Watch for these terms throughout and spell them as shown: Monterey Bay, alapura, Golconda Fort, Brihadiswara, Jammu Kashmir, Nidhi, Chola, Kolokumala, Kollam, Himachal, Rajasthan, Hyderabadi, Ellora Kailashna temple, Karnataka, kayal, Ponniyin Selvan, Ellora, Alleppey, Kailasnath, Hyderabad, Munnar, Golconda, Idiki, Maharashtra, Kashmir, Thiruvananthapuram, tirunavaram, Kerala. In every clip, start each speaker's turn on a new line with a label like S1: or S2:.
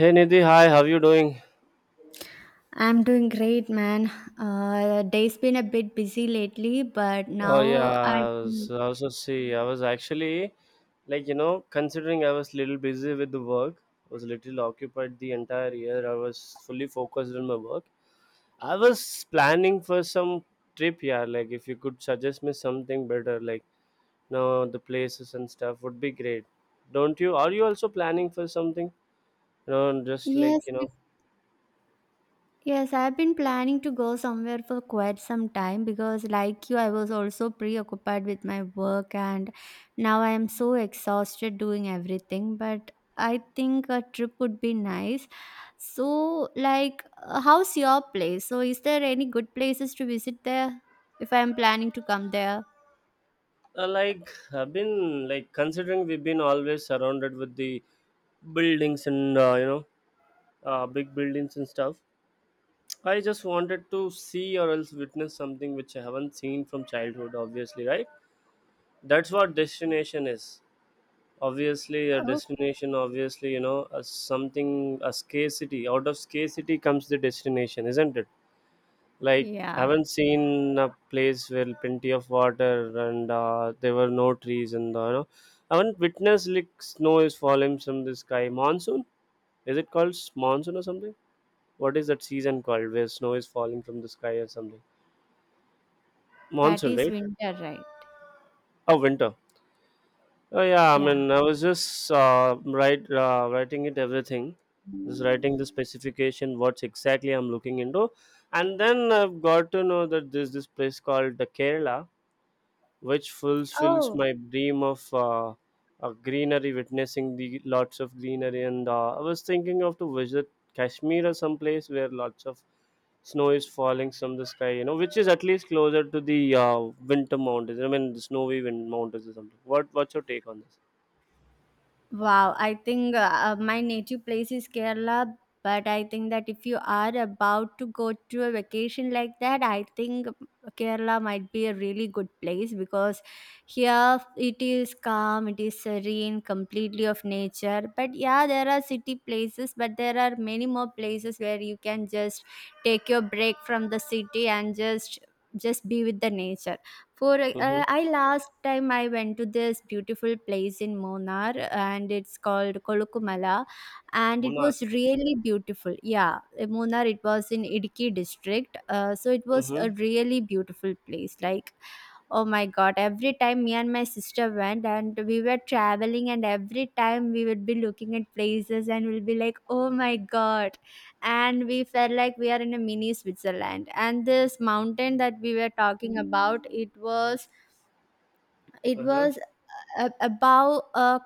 S1: Hey Nidhi, hi, how you doing?
S2: I'm doing great, man. Day's been a bit busy lately, but
S1: Oh
S2: now I
S1: yeah, I was just see. I was actually like you know, considering I was little busy with the work, was little occupied the entire year. I was fully focused on my work. I was planning for some trip, yeah. Like if you could suggest me something better, like no the places and stuff would be great. Don't you? Are you also planning for something? You know, just like
S2: yes, be- yes, I've been planning to go somewhere for quite some time because, like you, I was also preoccupied with my work, and now I am so exhausted doing everything. But I think a trip would be nice. So, how's your place? So, is there any good places to visit there if I'm planning to come there?
S1: like I've been like considering we've been always surrounded with the buildings and you know big buildings and stuff. I just wanted to see or else witness something which I haven't seen from childhood, obviously, right? That's what destination is, obviously a destination, obviously you know, a something, a scarcity. Out of scarcity comes the destination, isn't it? Like I
S2: Yeah.
S1: haven't seen a place where plenty of water and there were no trees and you know, I haven't witnessed like snow is falling from the sky. Monsoon, is it called monsoon or something? What is that season called where snow is falling from the sky or something?
S2: That
S1: Monsoon,
S2: is
S1: right?
S2: winter, right?
S1: Oh, winter. Oh yeah, I
S2: Yeah.
S1: mean, I was just write writing it everything, just writing the specification, what's exactly I'm looking into, and then I've got to know that there's this place called the Kerala, which fulfills
S2: Oh,
S1: my dream of a greenery, witnessing the lots of greenery. And I was thinking of to visit Kashmir or some place where lots of snow is falling from the sky. You know, which is at least closer to the winter mountains. I mean, the snowy wind mountains or something. What's your take on this?
S2: wow, I think my native place is Kerala, but I think that if you are about to go to a vacation like that, I think Kerala might be a really good place because here it is calm, it is serene, completely of nature. But yeah, there are city places, but there are many more places where you can just take your break from the city and just be with the nature. For
S1: Mm-hmm.
S2: I last time I went to this beautiful place in Monar and it's called Kolokumala and it
S1: Munnar.
S2: was really beautiful. Yeah, in Munnar it was in Idiki district. So it was a
S1: Mm-hmm.
S2: really beautiful place. Like oh my god, every time me and my sister went and we were traveling and every time we would be looking at places and we'll be like, "Oh my god, and we felt like we are in a mini Switzerland and this mountain that we were talking about it was it
S1: Uh-huh.
S2: was a- above a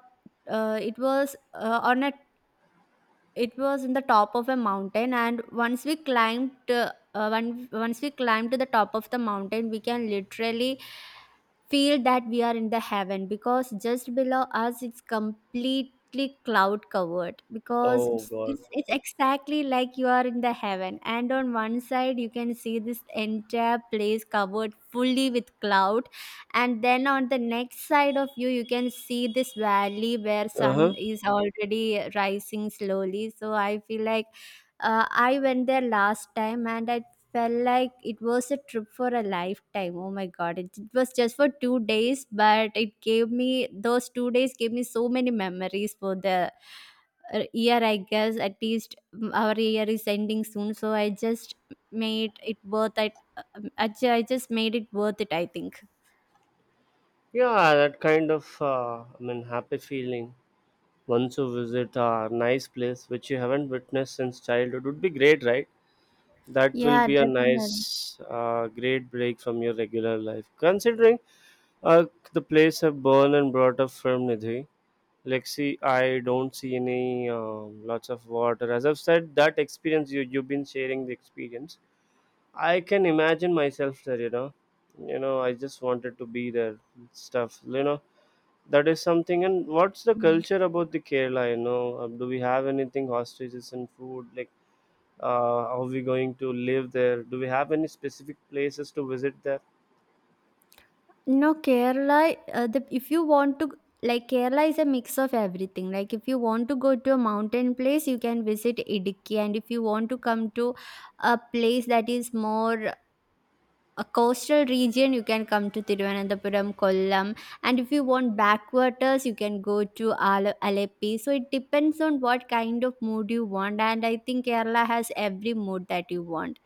S2: it was on a it was in the top of a mountain, and once we climbed, once we climbed to the top of the mountain, we can literally feel that we are in the heaven because just below us it's completely cloud covered because
S1: Oh God.
S2: it's exactly like you are in the heaven and on one side you can see this entire place covered fully with cloud and then on the next side of you you can see this valley where
S1: Uh
S2: sun
S1: huh.
S2: is already rising slowly so I feel like I went there last time and I felt like it was a trip for a lifetime. Oh my god, it was just for two days, but it gave me those two days gave me so many memories for the year, I guess. At least our year is ending soon, so I just made it worth it. Actually, I just made it worth it, I think.
S1: Yeah, that kind of I mean happy feeling. Once you visit a nice place which you haven't witnessed since childhood would be great, right? That will
S2: Yeah,
S1: be a nice
S2: definitely.
S1: great break from your regular life, considering uh, the place I have born and brought up from, Nidhi. Like see, I don't see any lots of water. As I've said that experience, you've been sharing the experience. I can imagine myself there, you know. You know, I just wanted to be there and stuff. You know, that is something. And what's the culture about the Kerala? You know, uh, do we have anything hostages and food? Like, are we going to live there? Do we have any specific places to visit there?
S2: No, Kerala, if you want to, like, Kerala is a mix of everything. Like, if you want to go to a mountain place, you can visit Idiki. And if you want to come to a place that is more a coastal region, you can come to Thiruvananthapuram, Kollam. And if you want backwaters, you can go to Alleppey. So, it depends on what kind of mood you want. And I think Kerala has every mood that you want.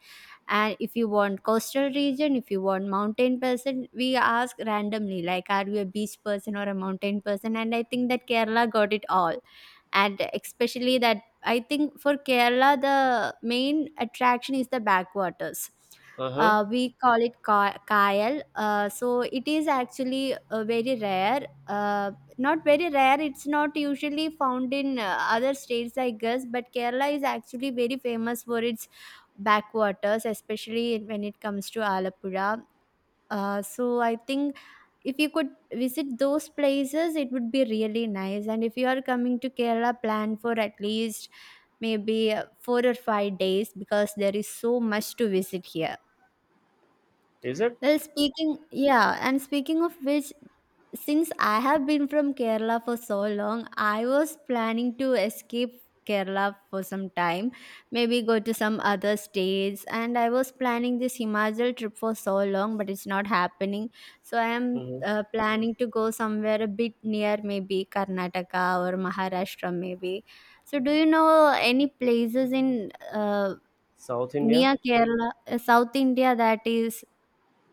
S2: And if you want coastal region, if you want mountain person, we ask randomly like, are you a beach person or a mountain person? And I think that Kerala got it all. And especially that, I think for Kerala, the main attraction is the backwaters.
S1: Uh huh.
S2: We call it kayal. So it is actually very rare, it's not usually found in other states, I guess, but Kerala is actually very famous for its backwaters, especially when it comes to Alapura. So I think if you could visit those places, it would be really nice. And if you are coming to Kerala, plan for at least maybe four or five days because there is so much to visit here.
S1: Is it
S2: Yeah, and speaking of which, since I have been from Kerala for so long, I was planning to escape Kerala for some time, maybe go to some other states. And I was planning this Himachal trip for so long, but it's not happening. So I am
S1: hmm?
S2: planning to go somewhere a bit near, maybe Karnataka or Maharashtra, maybe. So, do you know any places in
S1: South India?
S2: near Kerala, South India that is?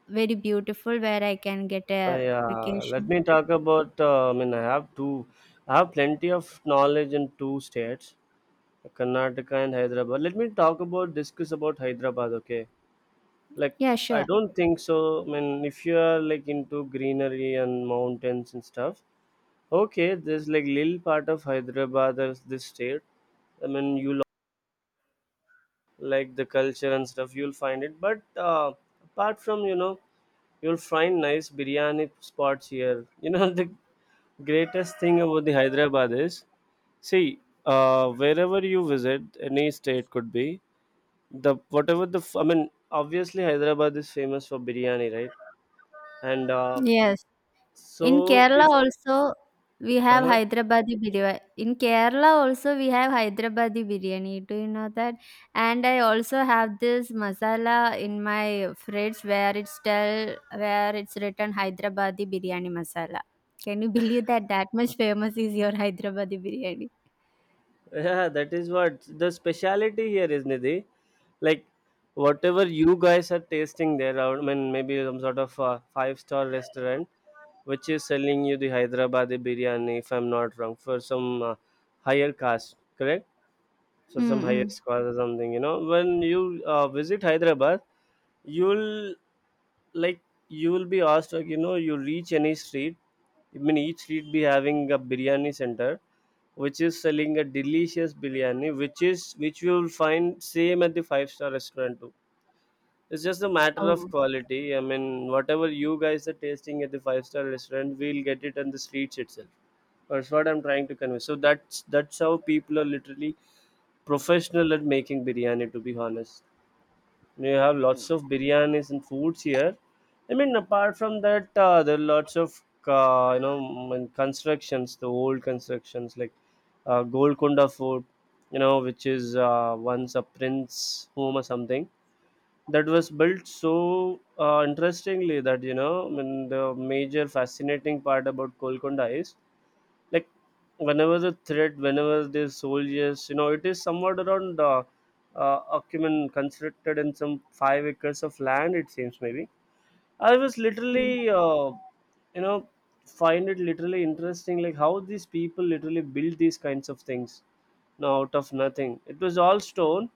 S2: Very beautiful where I can get a
S1: Yeah. Let
S2: vacation
S1: me
S2: trip.
S1: talk about. I mean, I have two. I have plenty of knowledge in two states, Karnataka and Hyderabad. Let me talk about discuss about Hyderabad. Okay. Like
S2: Yeah,
S1: I
S2: sure.
S1: don't think so. I mean, if you are like into greenery and mountains and stuff, okay, there's like little part of Hyderabad as this state. I mean, you like the culture and stuff, you'll find it. But apart from you know, you'll find nice biryani spots here. You know, the greatest thing about the Hyderabad is, see, wherever you visit, any state could be the whatever the I mean, obviously Hyderabad is famous for biryani, right? And
S2: Yes. In
S1: so
S2: Kerala
S1: if
S2: also we have
S1: uh,
S2: Hyderabadi biryani. In Kerala also we have Hyderabadi biryani. Do you know that? And I also have this masala in my fridge where it's tell where it's written Hyderabadi biryani masala. Can you believe that that much famous is your Hyderabadi biryani?
S1: yeah, that is what the speciality here is, Nidhi. Like, whatever you guys are tasting there, I mean, maybe some sort of five-star restaurant which is selling you the Hyderabadi biryani, if I'm not wrong, for some higher caste, correct? So, some higher
S2: Mm-mm.
S1: caste or something, you know. When you visit Hyderabad, you'll like you will be asked like you know, you reach any street. I mean each street be having a biryani center which is selling a delicious biryani, which is which you will find same at the five-star restaurant too. It's just a matter
S2: Oh.
S1: of quality. I mean whatever you guys are tasting at the five-star restaurant, we'll get it on the streets itself. That's what I'm trying to convey. So that's how people are literally professional at making biryani, to be honest. You have lots of biryanis and foods here. I mean, apart from that, there are lots of you know mm, constructions, the old constructions like Golconda Fort, you know, which is once a prince home or something that was built so interestingly that you know, I mean, the major fascinating part about Golconda is like whenever the threat, whenever the soldiers, you know, it is somewhat around acumen constructed in some 5 acres of land it seems, maybe. I was literally you know find it literally interesting like how these people literally build these kinds of things now out of nothing. It was all stone.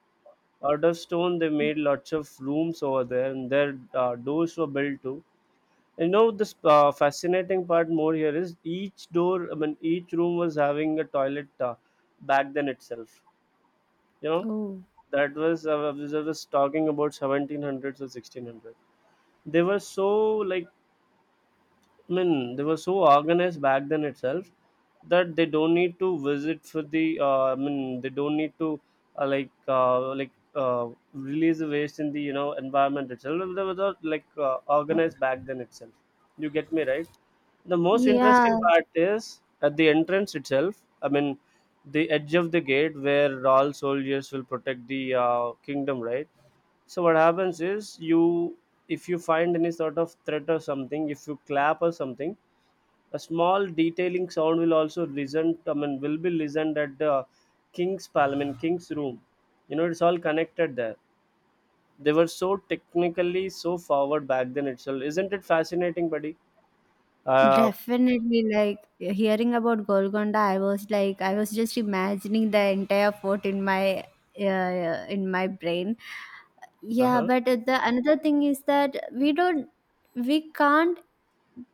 S1: Out of stone they made lots of rooms over there and their doors were built too. You know, this fascinating part more here is each door, I mean, each room was having a toilet back then itself. You know,
S2: Oh.
S1: that was, I was talking about 1700s or 1600s. They were so, like, I mean, they were so organized back then itself that they don't need to visit for the, I mean, they don't need to, release the waste in the you know environment itself. They were not, like organized back then itself. You get me right? The most
S2: Yeah,
S1: interesting part is at the entrance itself. I mean, the edge of the gate where all soldiers will protect the kingdom, right? So what happens is you, if you find any sort of threat or something, if you clap or something, a small detailing sound will also listen. I mean, will be listened at the king's parliament, king's room. You know, it's all connected there. They were so technically so forward back then itself. Isn't it fascinating, buddy? Uh,
S2: definitely. Like hearing about Golconda, I was just imagining the entire fort in my brain. Yeah,
S1: uh-huh.
S2: but the another thing is that we can't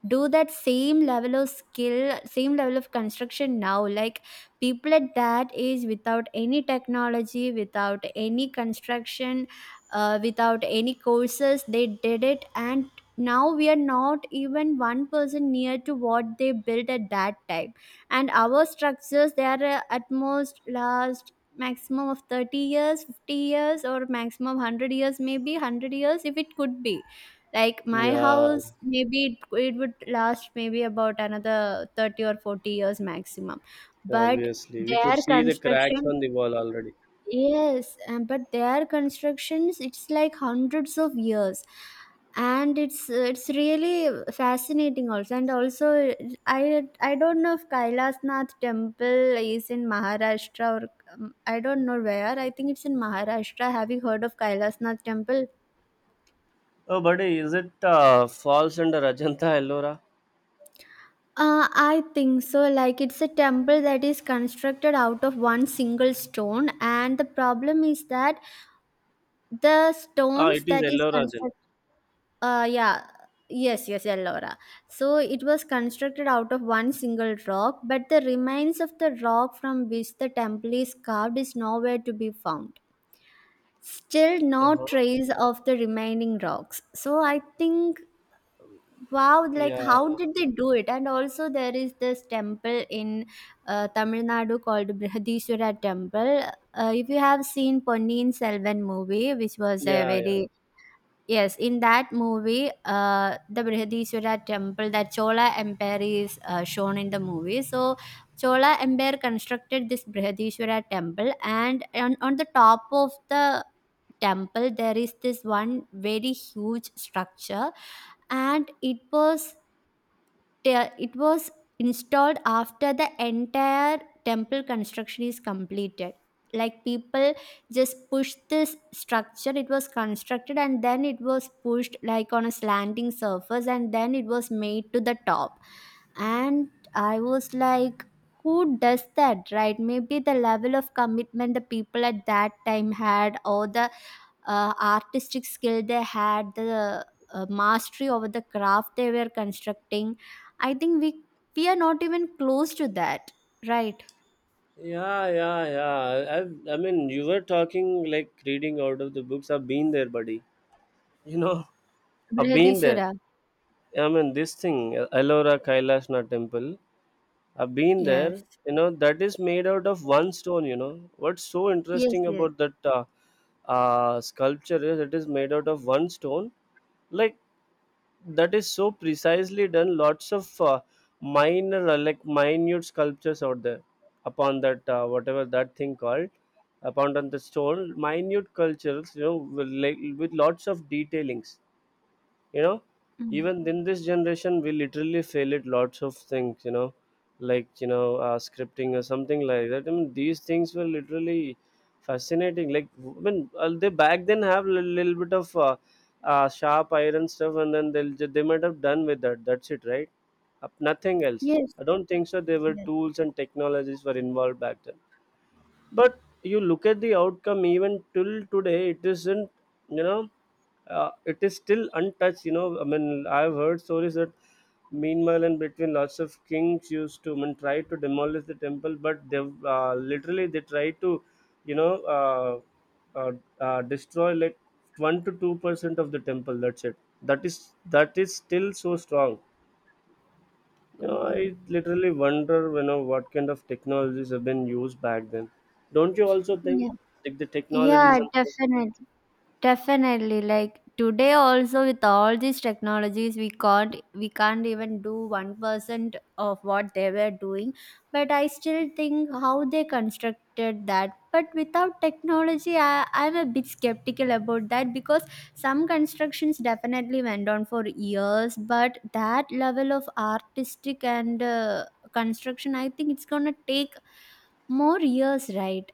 S2: do that same level of skill, same level of construction now. Like people at that age without any technology, without any construction, without any courses, they did it. And now we are not even one person near to what they built at that time. And our structures, they are at most last maximum of 30 years, 50 years, or maximum 100 years, maybe 100 years if it could be like my
S1: Yeah,
S2: house. Maybe it would last maybe about another 30 or 40 years maximum. But
S1: obviously, we could
S2: their
S1: see the cracks
S2: construction,
S1: on the wall already.
S2: yes, but their constructions, it's like hundreds of years and it's really fascinating also. And also I don't know if Kailasnath temple is in Maharashtra or I don't know where. I think it's in Maharashtra. Have you heard of Kailasnath temple?
S1: Oh, buddy, is it falls under Ajanta Ellora?
S2: I think so. Like, it's a temple that is constructed out of one single stone, and the problem is that the
S1: Ah,
S2: stones
S1: it is
S2: that is
S1: Ellora then.
S2: constructed, yeah, yes, Ellora. So, it was constructed out of one single rock, but the remains of the rock from which the temple is carved is nowhere to be found. Still,
S1: Uh
S2: no
S1: huh.
S2: trace of the remaining rocks. So, I think wow, like how
S1: Yeah.
S2: did they do it? And also, there is this temple in Tamil Nadu called Brihadiswara Temple. If you have seen Ponniyin Selvan movie, which was a
S1: Yeah, yeah.
S2: very yes, in that movie, the Brihadiswara Temple, that Chola Empire is shown in the movie. So, Chola Empire constructed this Brihadiswara Temple, and on the top of the temple, there is this one very huge structure and it was installed after the entire temple construction is completed. Like people just pushed this structure. It was constructed and then it was pushed like on a slanting surface and then it was made to the top. And I was like, who does that, right? Maybe the level of commitment the people at that time had, or the artistic skill they had, the mastery over the craft they were constructing, I think we are not even close to that, right?
S1: Yeah, yeah, yeah. I mean, you were talking like reading out of the books. I've been there, buddy. You know, I've been there.
S2: Brihadishwara.
S1: I mean, this thing, Ellora Kailashna temple. I've been there.
S2: yes
S1: You know that is made out of one stone. You know what's so
S2: yes
S1: interesting
S2: yes
S1: about that sculpture is it is made out of one stone. Like that is so precisely done. Lots of minor, minute sculptures out there upon that whatever that thing called upon on the stone. Minute cultures, you know, with, like, with lots of detailings, you know,
S2: Mm.
S1: even in this generation we literally fail at lots of things, you know, like you know scripting or something like that. I mean these things were literally fascinating, like I mean they back then have a little bit of sharp iron stuff and then they might have done with that, that's it, right? Up nothing else.
S2: yes
S1: I don't think so there were
S2: yes.
S1: tools and technologies were involved back then, but you look at the outcome. Even till today it isn't, you know, it is still untouched. You know, I mean I've heard stories that meanwhile and between lots of kings used to, I mean, try to demolish the temple, but they literally they try to you know uh, destroy like 1 to 2% of the temple, that's it. That is still so strong. You know, I
S2: Mm.
S1: literally wonder, you know, what kind of technologies have been used back then. Don't you also think,
S2: yeah
S1: like the
S2: yeah,
S1: technologies and
S2: definitely. Definitely, like today also with all these technologies, we can't even do 1% of what they were doing. But I still think how they constructed that. But without technology, I'm a bit skeptical about that because some constructions definitely went on for years. But that level of artistic and construction, I think it's gonna take more years, right?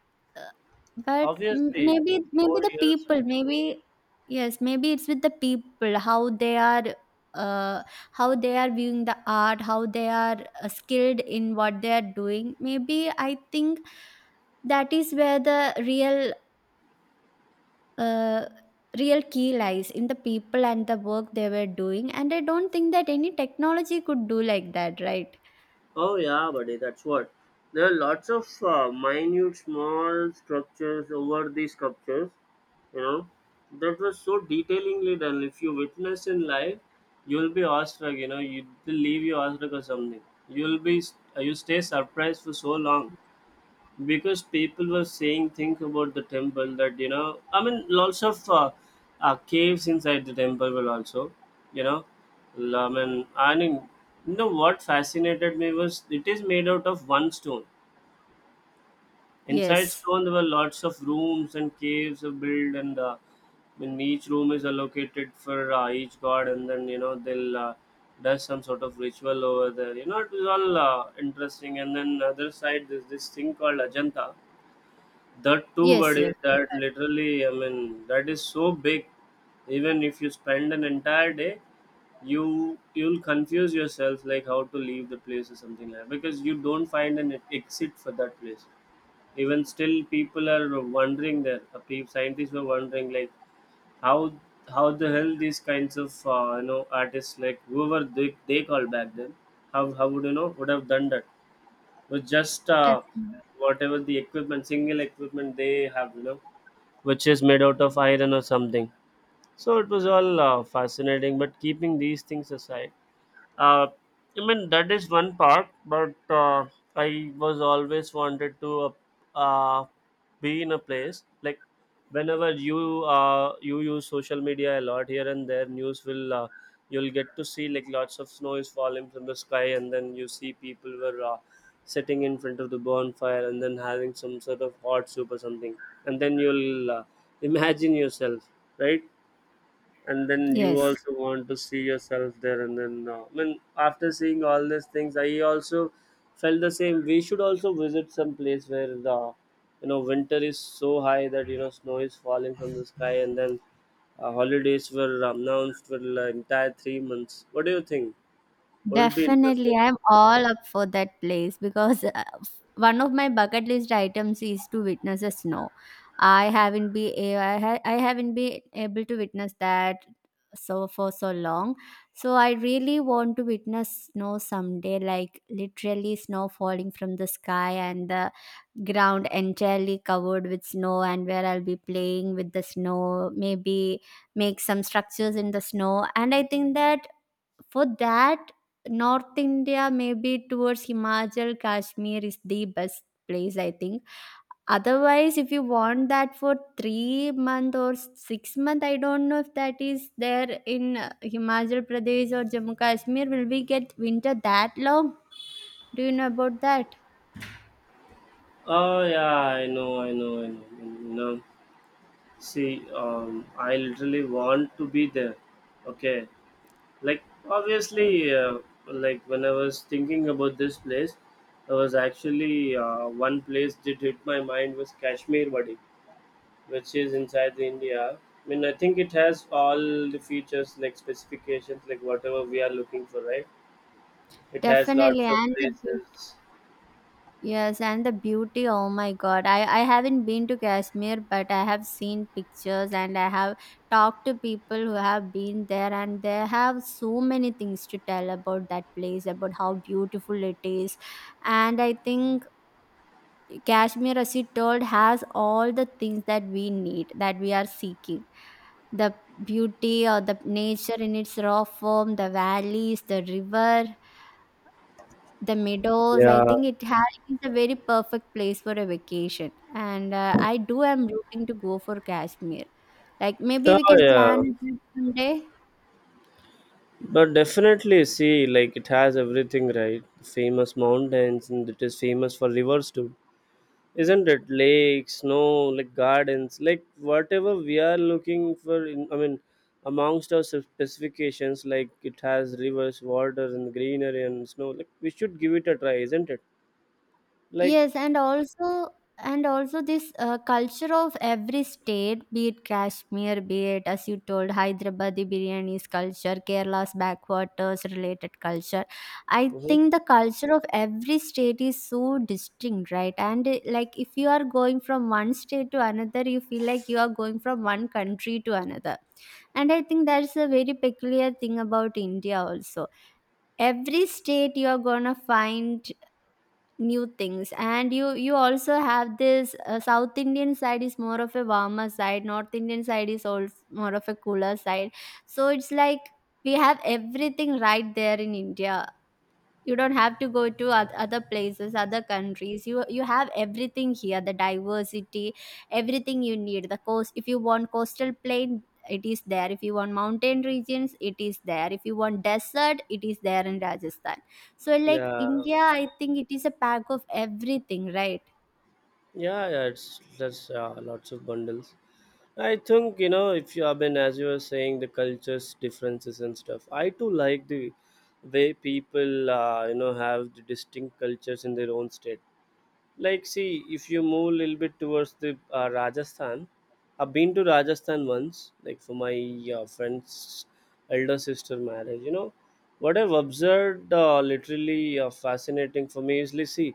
S2: But
S1: obviously,
S2: maybe
S1: more
S2: the
S1: years.
S2: people,
S1: And,
S2: maybe yes, maybe it's with the people, uh how they are viewing the art, how they are skilled in what they are doing. Maybe I think that is where the real uh, real key lies in the people and the work they were doing. And I don't think that any technology could do like that, right?
S1: oh yeah, buddy, that's what. There are lots of minute, small structures over these sculptures. You know, that was so detailingly done. If you witness in life, you'll be awestruck. You know, you will leave you awestruck or something. You'll be you stay surprised for so long, because people were saying things about the temple that you know, I mean lots of caves inside the temple were also, you know, I mean, you know what fascinated me was it is made out of one stone. Inside
S2: yes
S1: stone there were lots of rooms and caves are built, and when each room is allocated for each god and then you know they'll do some sort of ritual over there. You know it was all interesting, and then other side there's this thing called Ajanta. That too,
S2: yes yes
S1: buddy. That literally, I mean, that is so big. Even if you spend an entire day, you you'll confuse yourself like how to leave the place or something like that, because you don't find an exit for that place. Even still, people are wondering there. Scientists were wondering like how how the hell these kinds of artists like whoever they call back then how would you know would have done that with just
S2: Definitely.
S1: whatever the equipment, single equipment they have, you know, which is made out of iron or something. So it was all fascinating. But keeping these things aside, uh, I mean that is one part, but I was always wanted to uh, uh, be in a place like whenever you you use social media a lot here and there, news will you'll get to see like lots of snow is falling from the sky, and then you see people were sitting in front of the bonfire and then having some sort of hot soup or something, and then you'll imagine yourself, right? And then you
S2: Yes.
S1: also want to see yourself there, and then I mean after seeing all these things I also felt the same. We should also visit some place where the, you know, winter is so high that, you know, snow is falling from the sky, and then holidays were announced for the entire 3 months. What do you think? Wouldn't be interesting?
S2: Definitely, I'm all up for that place because one of my bucket list items is to witness a snow. I haven't be a- I, ha- I haven't been able to witness that so for so long. So I really want to witness snow someday, like literally snow falling from the sky and the ground entirely covered with snow, and where I'll be playing with the snow, maybe make some structures in the snow. And I think that for that, North India, maybe towards Himachal, Kashmir is the best place, I think. Otherwise, if you want that for three month or six month, I don't know if that is there in Himachal Pradesh or Jammu Kashmir. Will we get winter that long? Do you know about that?
S1: Oh yeah, I know, I know, I know. You know, see, I literally want to be there. Okay, like obviously, like when I was thinking about this place, I was actually one place that hit my mind was Kashmir Wadi, which is inside the India. I mean, I think it has all the features, like specifications, like whatever we are looking for, right? It has
S2: Definitely,
S1: lots of
S2: and the
S1: places.
S2: yes, and the beauty, oh my god. I haven't been to Kashmir, but I have seen pictures and I have talked to people who have been there, and they have so many things to tell about that place, about how beautiful it is. And I think Kashmir, as you told, has all the things that we need, that we are seeking the beauty or the nature in its raw form, the valleys, the river. The meadows, I
S1: Yeah.
S2: think it has it is a very perfect place for a vacation. And I do am rooting to go for Kashmir. Like maybe
S1: Oh
S2: we can
S1: yeah,
S2: plan a trip someday.
S1: but definitely, see, like it has everything, right? Famous mountains, and it is famous for rivers too, isn't it? Lakes, snow, like gardens, like whatever we are looking for in, I mean, amongst our specifications, like it has rivers, water, and greenery, and snow. Like, we should give it a try, isn't it? Like,
S2: Yes, and also this culture of every state, be it Kashmir, be it as you told, Hyderabadi biryani's culture, Kerala's backwaters related culture. I
S1: mhm.
S2: think the culture of every state is so distinct, right? And like if you are going from one state to another, you feel like you are going from one country to another. And I think that's a very peculiar thing about India also, every state you are gonna find new things, and you also have this south indian side is more of a warmer side, north indian side is also more of a cooler side. So it's like we have everything right there in india. You don't have to go to other places, other countries, you have everything here, the diversity, everything you need. The coast, if you want coastal plain, it is there. If you want mountain regions, it is there. If you want desert, it is there in rajasthan. So like
S1: Yeah,
S2: india, I think it is a pack of everything, right?
S1: yeah, yeah, it's that's lots of bundles. I think, you know, if you have been, as you were saying, the cultures differences and stuff, I too like the way people, you know, have the distinct cultures in their own state. Like, see, if you move a little bit towards the Rajasthan, I've been to Rajasthan once, like for my friend's elder sister marriage. You know what I've observed, literally, fascinating for me is like, see,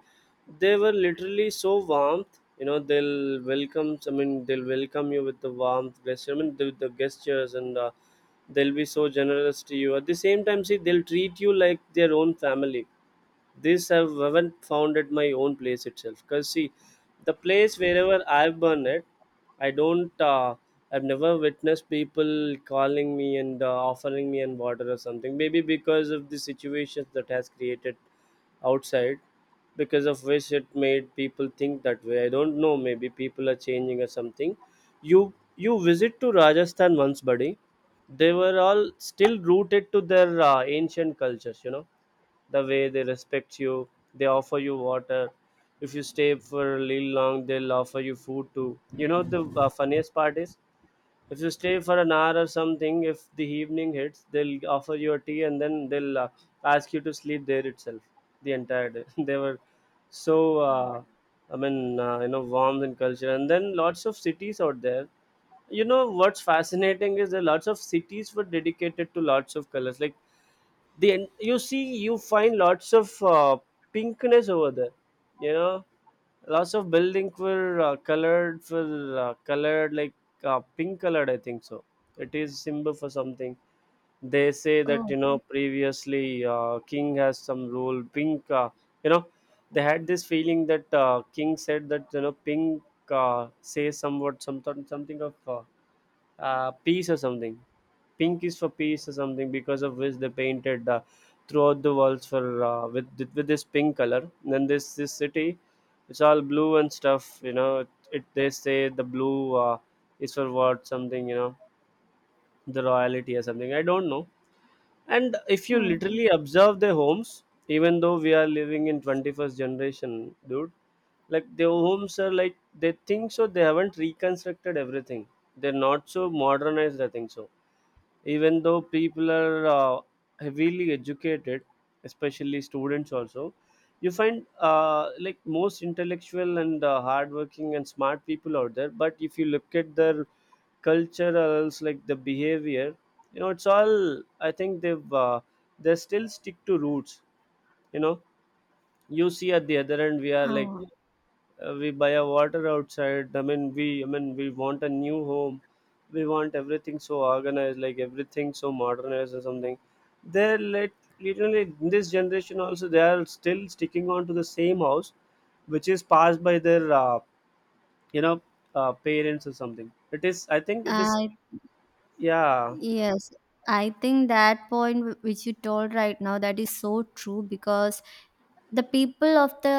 S1: they were literally so warmth, you know. They'll welcome, they'll welcome you with the warmth gesture, I mean the gestures, and they'll be so generous to you. At the same time, see, they'll treat you like their own family. This I haven't found at my own place itself because, see, the place wherever I've been at, I don't I've never witnessed people calling me and offering me and water or something. Maybe because of the situations that has created outside, because of which it made people think that way. I don't know, maybe people are changing or something. you you visit to Rajasthan once, buddy. They were all still rooted to their ancient cultures, you know, the way they respect you. They offer you water. If you stay for a little long, they'll offer you food too, you know. The funniest part is, if you stay for an hour or something, if the evening hits, they'll offer you a tea, and then they'll ask you to sleep there itself the entire day. They were so I mean you know, warmth and culture, and then lots of cities out there. You know what's fascinating is, there are lots of cities were dedicated to lots of colors, like the you see, you find lots of pinkness over there, you know. Lots of building were colored for colored like pink colored, I think so. It is symbol for something. They say that,
S2: oh,
S1: you know, previously king has some rule. Pink, you know, they had this feeling that king said that, you know, pink says somewhat something, something of peace or something. Pink is for peace or something, because of which they painted throughout the walls for with this pink color. And then this city, it's all blue and stuff. You know, it they say the blue is for what something. You know, the royalty or something. I don't know. And if you
S2: oh.
S1: literally observe their homes, even though we are living in 21st generation, dude, like their homes are like, they think so, they haven't reconstructed everything. They're not so modernized, I think so. Even though people are heavily educated, especially students also, you find like most intellectual and hardworking and smart people out there, but if you look at their culture, or else like the behavior, you know, it's all, I think they've they still stick to roots, you know. You see, at the other end, we are like
S2: oh.
S1: we buy a water outside. I mean, we we want a new home. We want everything so organized, like everything so modernized or something. They're let literally in this generation also, they are still sticking on to the same house, which is passed by their you know, parents or something. It is, I think it is
S2: I
S1: yeah.
S2: yes I think that point which you told right now, that is so true. Because the people of the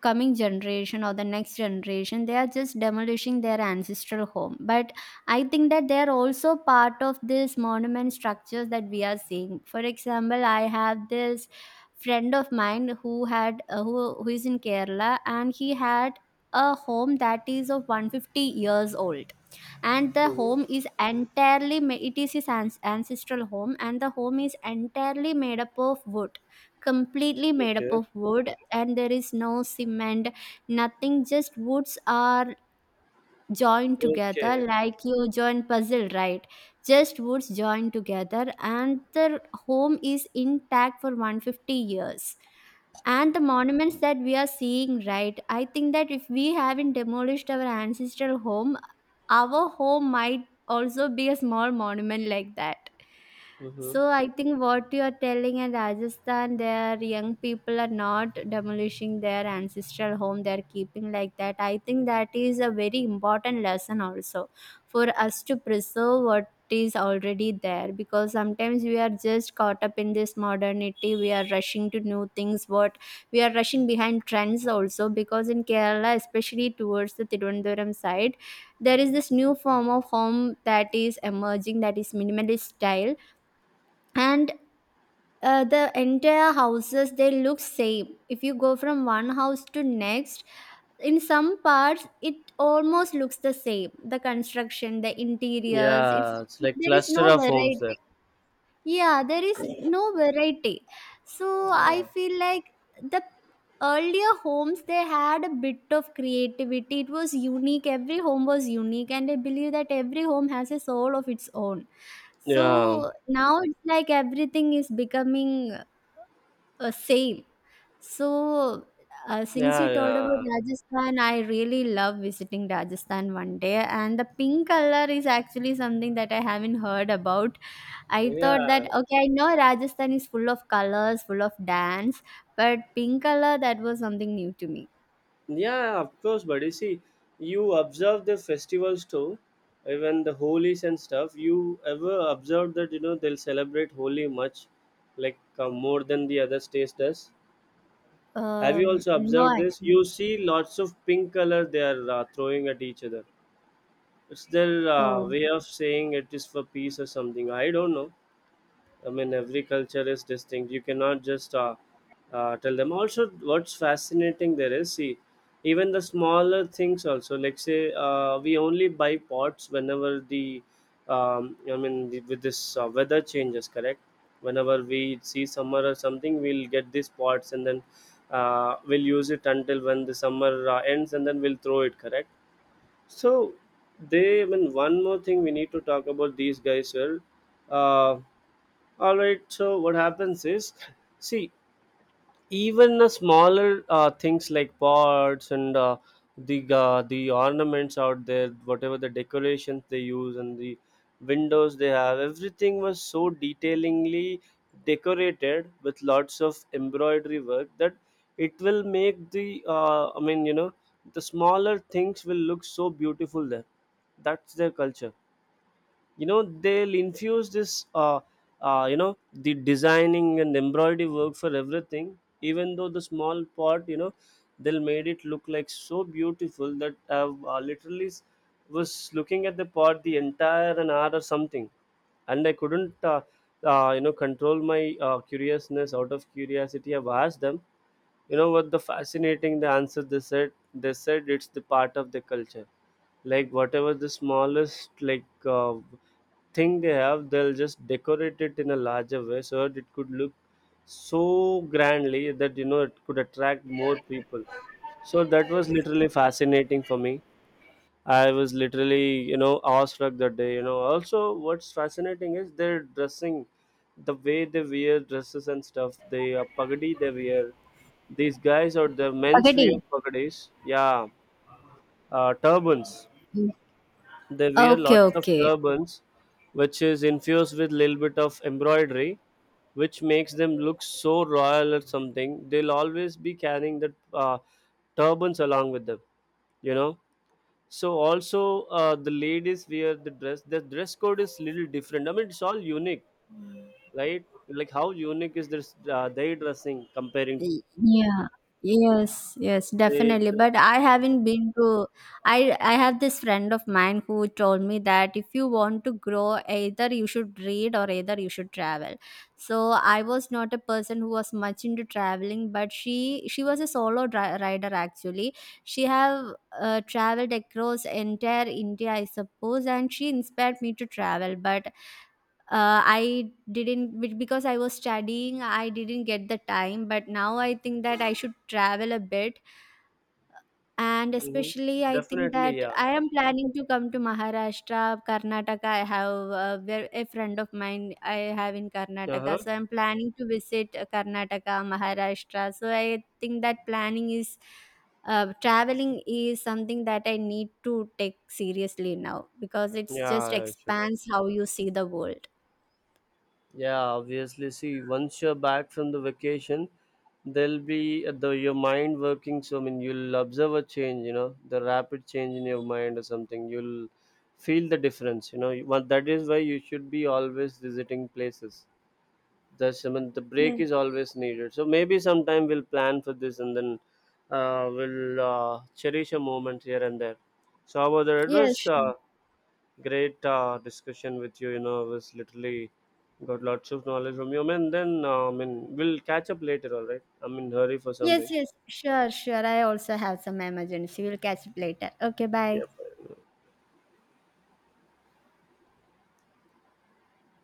S2: coming generation or the next generation, they are just demolishing their ancestral home, but I think that they are also part of this monument structures that we are seeing. For example, I have this friend of mine who had who is in kerala, and he had a home that is of 150 years old, and the
S1: Mhm.
S2: home is entirely it is his ancestral home, and the home is entirely made up of wood. Completely made up
S1: Okay,
S2: of wood, and there is no cement, nothing. Just woods are join together
S1: okay.
S2: like you join puzzle, right? Just woods join together, and the home is intact for 150 years. And the monuments that we are seeing, right, I think that if we haven't demolished our ancestral home, our home might also be a small monument like that.
S1: Hmm.
S2: So I think what you are telling in Rajasthan, their young people are not demolishing their ancestral home; they're keeping like that. I think that is a very important lesson also for us to preserve what is already there, because sometimes we are just caught up in this modernity, we are rushing to new things. What we are rushing behind trends also, because in kerala, especially towards the tirunavaram side, there is this new form of home that is emerging, that is minimalist style. And the entire houses, they look same. If you go from one house to next, in some parts it almost looks the same, the construction, the interiors, it's
S1: Yeah, it's like
S2: there is
S1: cluster
S2: no
S1: of homes there.
S2: variety. Yeah, there is no variety. So I
S1: Yeah,
S2: feel like the earlier homes, they had a bit of creativity. It was unique, every home was unique, and I believe that every home has a soul of its own. So
S1: yeah,
S2: now it's like everything is becoming same. So, since
S1: yeah,
S2: you told about
S1: yeah,
S2: Rajasthan, I really love visiting Rajasthan one day. And the pink color is actually something that I haven't heard about. I thought that,
S1: yeah.
S2: okay, I know Rajasthan is full of colors, full of dance, but pink color, that was something new to me.
S1: Yeah, of course, buddy. See, you observe the festivals too, even the holies and stuff. You ever observe that, you know, they'll celebrate Holi much, like more than the other states does. Have you also
S2: No,
S1: observed this?
S2: actually.
S1: You see lots of pink color they are throwing at each other. It's their
S2: Oh,
S1: way of saying it is for peace or something. I don't know. I mean, every culture is distinct. You cannot just tell them. Also, what's fascinating there is, see, even the smaller things also. Like say, we only buy pots whenever the, I mean, the, with this weather changes, correct? Whenever we see summer or something, we'll get these pots, and then we'll use it until when the summer ends, and then we'll throw it, correct? So, they. I mean, one more thing we need to talk about these guys here. Uh, all right, so what happens is, see, even the smaller things like pots and the ornaments out there, whatever the decorations they use, and the windows they have, everything was so detailingly decorated with lots of embroidery work, that it will make the I mean, you know, the smaller things will look so beautiful there. That's their culture, you know. They'll infuse this you know, the designing and embroidery work for everything, even though the small part, you know, they'll made it look like so beautiful that I was looking at the pot the entire an hour or something, and I couldn't you know, control my curiousness. Out of curiosity, I've asked them, you know what the fascinating the answer they said. They said it's the part of the culture, like whatever the smallest, like thing they have, they'll just decorate it in a larger way, so that it could look so grandly that, you know, it could attract more people. So that was literally fascinating for me. I was literally, you know, awestruck that day. You know, also what's fascinating is their dressing, the way they wear dresses and stuff. They pagadi they wear, these guys or the men's
S2: Pagadi.
S1: wear pagadis, yeah. Turbans, they wear
S2: Okay,
S1: lots of
S2: okay.
S1: turbans, which is infused with little bit of embroidery, which makes them look so royal or something. They'll always be carrying the turbans along with them, you know. So also the ladies wear the dress. The dress code is little different. I mean, it's all unique, right? Like how unique is this their dressing comparing to
S2: Y- Yeah. Yes, yes,
S1: they?
S2: definitely. But I haven't been to I have this friend of mine who told me that if you want to grow, either you should read or either you should travel. So I was not a person who was much into traveling, but she was a solo rider actually. She have traveled across entire India, I suppose, and she inspired me to travel, but I didn't because I was studying I didn't get the time. But now I think that I should travel a bit, and
S1: Mhm.
S2: especially I think
S1: Definitely,
S2: that
S1: yeah.
S2: I am planning to come to maharashtra, karnataka. I have where a friend of mine I have in
S1: Uh
S2: karnataka,
S1: huh.
S2: so I'm planning to visit karnataka, maharashtra. So I think that planning is traveling is something that I need to take seriously now, because it's just
S1: Yeah, sure.
S2: expands how you see the world.
S1: Yeah, obviously. See, once you're back from the vacation, there'll be the your mind working. So I mean, you'll observe a change. You know, the rapid change in your mind or something. You'll feel the difference. You know, well, that is why you should be always visiting places. That's, I mean, the
S2: Yes.
S1: break is always needed. So maybe sometime we'll plan for this, and then we'll cherish a moment here and there. So how about that? It
S2: Yes,
S1: was
S2: sure.
S1: great discussion with you. You know, I was literally got lots of knowledge from you. I mean, then I mean, we'll catch up later. All right, I'm in hurry for
S2: Yes,
S1: something.
S2: yes, sure, sure. I also have some emergency. We'll catch up later. Okay, bye.
S1: Yeah, fine.